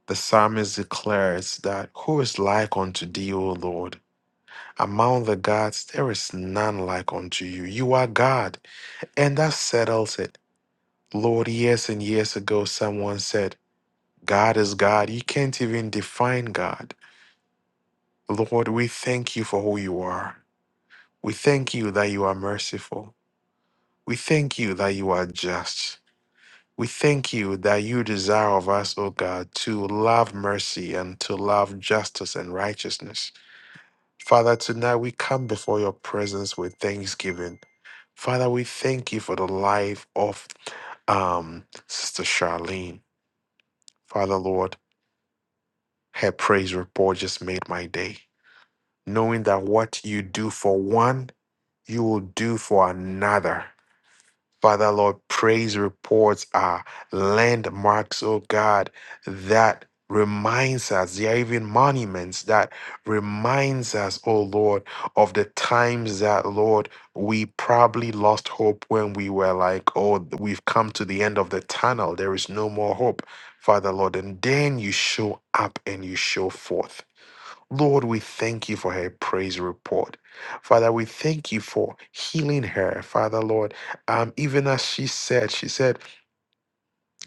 the psalmist declares that who is like unto thee, O Lord? Among the gods, there is none like unto you. You are God, and that settles it. Lord, years and years ago, someone said, God is God. You can't even define God. Lord, we thank you for who you are. We thank you that you are merciful. We thank you that you are just. We thank you that you desire of us, O God, to love mercy and to love justice and righteousness. Father, tonight we come before your presence with thanksgiving. Father, we thank you for the life of um, Sister Charlene. Father, Lord, Her praise report just made my day. Knowing that what you do for one, you will do for another. Father Lord, praise reports are landmarks, oh God, that reminds us, they are even monuments that reminds us, oh Lord, of the times that, Lord, we probably lost hope when we were like, oh, we've come to the end of the tunnel. There is no more hope, Father Lord. And then you show up and you show forth. Lord, we thank you for her praise report. Father, we thank you for healing her. Father, Lord, um, even as she said, she said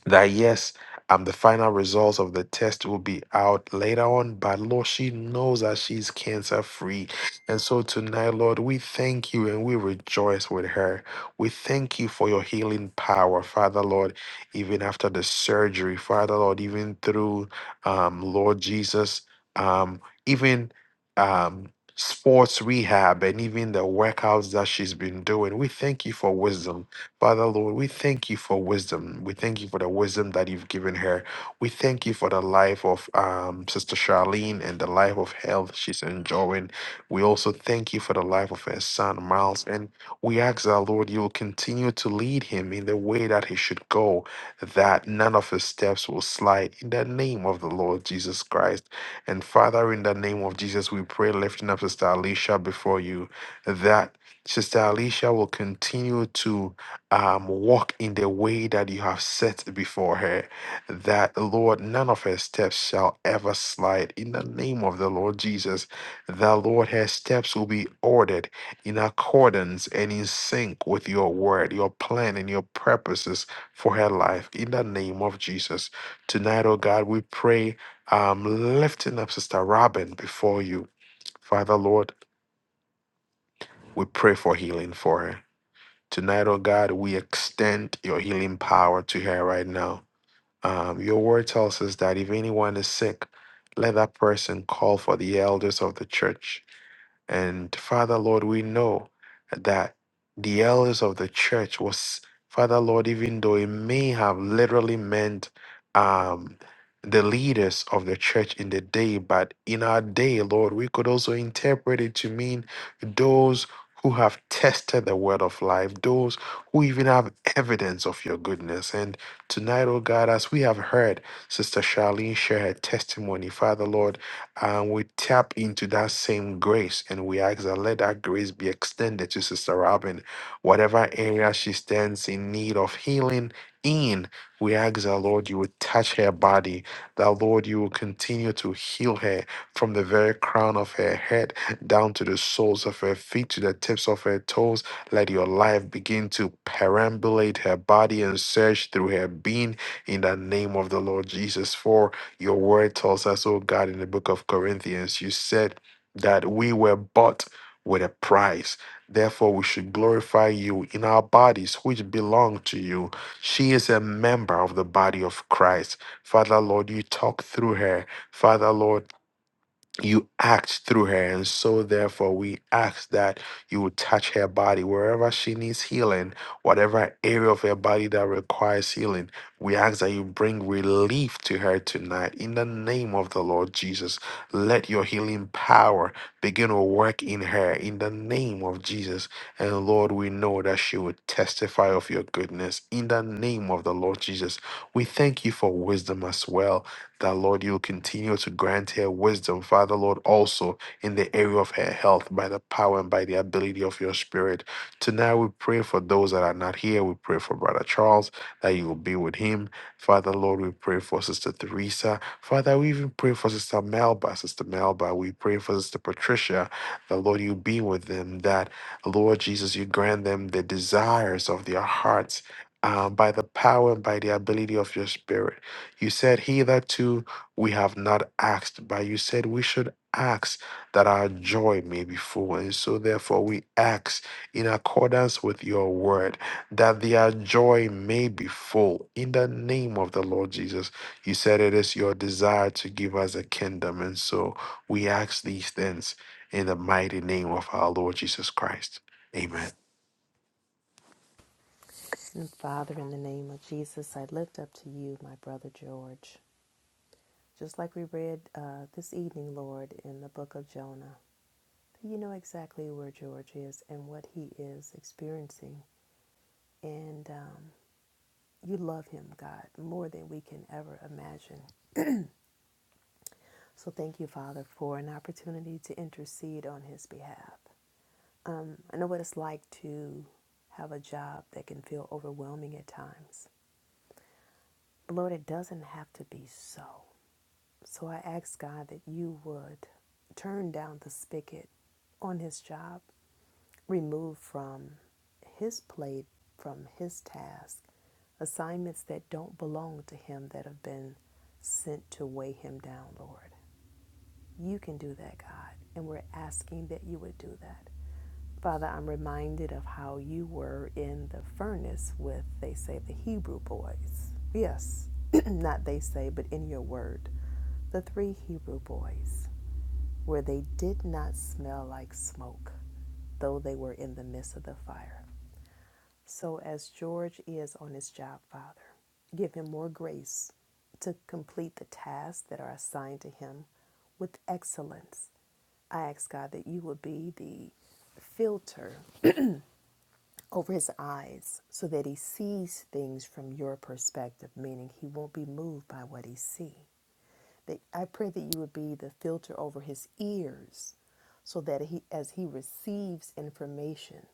that yes, um, the final results of the test will be out later on, but Lord, she knows that she's cancer free. And so tonight, Lord, we thank you and we rejoice with her. We thank you for your healing power, Father Lord, even after the surgery, Father Lord, even through um, Lord Jesus, um, even um sports rehab and even the workouts that she's been doing. We thank you for wisdom. Father, Lord, we thank you for wisdom. We thank you for the wisdom that you've given her. We thank you for the life of um, Sister Charlene and the life of health she's enjoying. We also thank you for the life of her son, Miles. And we ask our Lord, you will continue to lead him in the way that he should go, that none of his steps will slide in the name of the Lord Jesus Christ. And Father, in the name of Jesus, we pray, lifting up Sister Alicia before you, that Sister Alicia will continue to um, walk in the way that you have set before her, that Lord, none of her steps shall ever slide. In the name of the Lord Jesus, that Lord, her steps will be ordered in accordance and in sync with your word, your plan, and your purposes for her life. In the name of Jesus. Tonight, oh God, we pray, um, lifting up Sister Robin before you. Father, Lord, we pray for healing for her. Tonight, oh God, we extend your healing power to her right now. Um, your word tells us that if anyone is sick, let that person call for the elders of the church and Father, Lord, we know that the elders of the church was, Father, Lord, even though it may have literally meant um, the leaders of the church in the day, but in our day, Lord, we could also interpret it to mean those who have tested the word of life, those who even have evidence of your goodness. And tonight, oh God, as we have heard Sister Charlene share her testimony, Father, Lord. And we tap into that same grace and we ask that let that grace be extended to Sister Robin. Whatever area she stands in need of healing in, we ask that Lord, you would touch her body, that Lord, you will continue to heal her from the very crown of her head down to the soles of her feet, to the tips of her toes. Let your life begin to perambulate her body and search through her being in the name of the Lord Jesus. For your word tells us, oh God, in the book of Corinthians, you said that we were bought with a price. Therefore, we should glorify you in our bodies, which belong to you. She is a member of the body of Christ. Father, Lord, you talk through her. Father, Lord, you act through her. And so, therefore, we ask that you would touch her body wherever she needs healing, whatever area of her body that requires healing. We ask that you bring relief to her tonight in the name of the Lord Jesus. Let your healing power begin to work in her in the name of Jesus. And Lord, we know that she would testify of your goodness in the name of the Lord Jesus. We thank you for wisdom as well that Lord, you will continue to grant her wisdom, Father Lord, also in the area of her health by the power and by the ability of your spirit. Tonight we pray for those that are not here. We pray for Brother Charles that you will be with him. Father Lord, we pray for Sister Theresa. Father, we even pray for Sister Melba, Sister Melba. We pray for Sister Patricia, that Lord, you be with them, that Lord Jesus, you grant them the desires of their hearts. um, by the power and by the ability of your spirit. You said, Hitherto we have not asked, but you said we should ask that our joy may be full. And so, therefore, we ask in accordance with your word that their joy may be full. In the name of the Lord Jesus, you said it is your desire to give us a kingdom. And so, we ask these things in the mighty name of our Lord Jesus Christ. Amen.
And Father, in the name of Jesus, I lift up to you my brother George. Just like we read uh, this evening, Lord, in the book of Jonah, you know exactly where George is and what he is experiencing. And um, you love him, God, more than we can ever imagine. So thank you, Father, for an opportunity to intercede on his behalf. Um, I know what it's like to have a job that can feel overwhelming at times. But Lord, it doesn't have to be so. So I ask God that you would turn down the spigot on his job, remove from his plate, from his task, assignments that don't belong to him that have been sent to weigh him down, Lord. You can do that, God, and we're asking that you would do that. Father, I'm reminded of how you were in the furnace with, they say, the Hebrew boys. Yes, (clears throat) not they say, but in your word, the three Hebrew boys, where they did not smell like smoke, though they were in the midst of the fire. So, as George is on his job, Father, give him more grace to complete the tasks that are assigned to him with excellence. I ask God that you would be the filter over his eyes so that he sees things from your perspective, meaning he won't be moved by what he sees. I pray that you would be the filter over his ears so that he as he receives information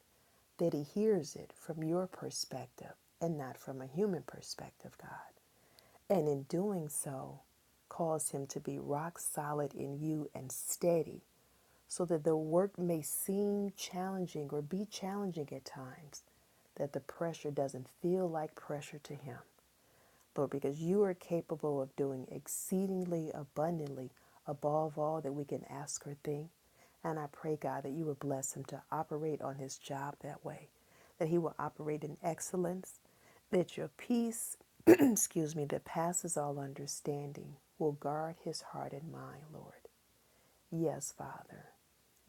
that he hears it from your perspective and not from a human perspective, God. And in doing so, cause him to be rock solid in you and steady so that the work may seem challenging or be challenging at times, that the pressure doesn't feel like pressure to Him. Lord, because you are capable of doing exceedingly abundantly above all that we can ask or think. And I pray, God, that you would bless him to operate on his job that way, that he will operate in excellence, that your peace, (clears throat) excuse me, that passes all understanding will guard his heart and mind, Lord. Yes, Father.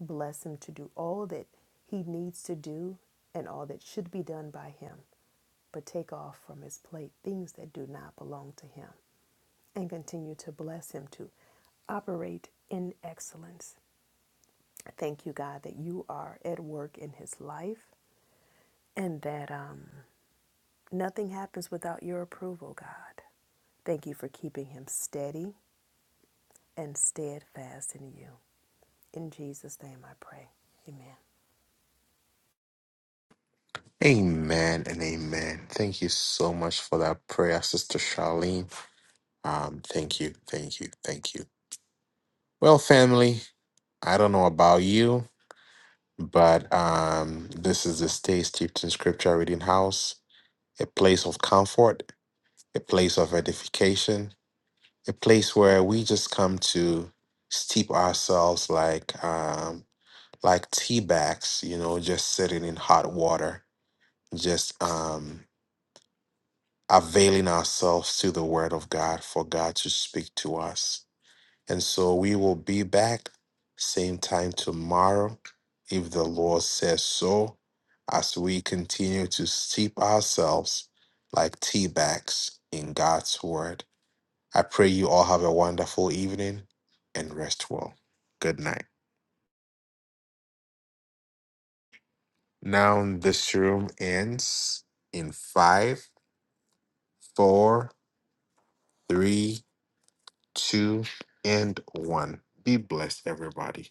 Bless him to do all that he needs to do and all that should be done by him, but take off from his plate things that do not belong to him and continue to bless him to operate in excellence. Thank you, God, that you are at work in his life and that um, nothing happens without your approval, God. Thank you for keeping him steady and steadfast in you. In Jesus' name I pray. Amen.
Amen and amen. Thank you so much for that prayer, Sister Charlene. Um, thank you, thank you, thank you. Well, family, I don't know about you, but um, this is the Stay Steeped in Scripture Reading House, a place of comfort, a place of edification, a place where we just come to steep ourselves like um, like tea bags, you know, just sitting in hot water, just um, availing ourselves to the Word of God for God to speak to us And so we will be back same time tomorrow, if the Lord says so, as we continue to steep ourselves like tea bags in God's word. I pray you all have a wonderful evening and rest well. Good night. Now this room ends in five, four, three, two, and one. Be blessed, everybody.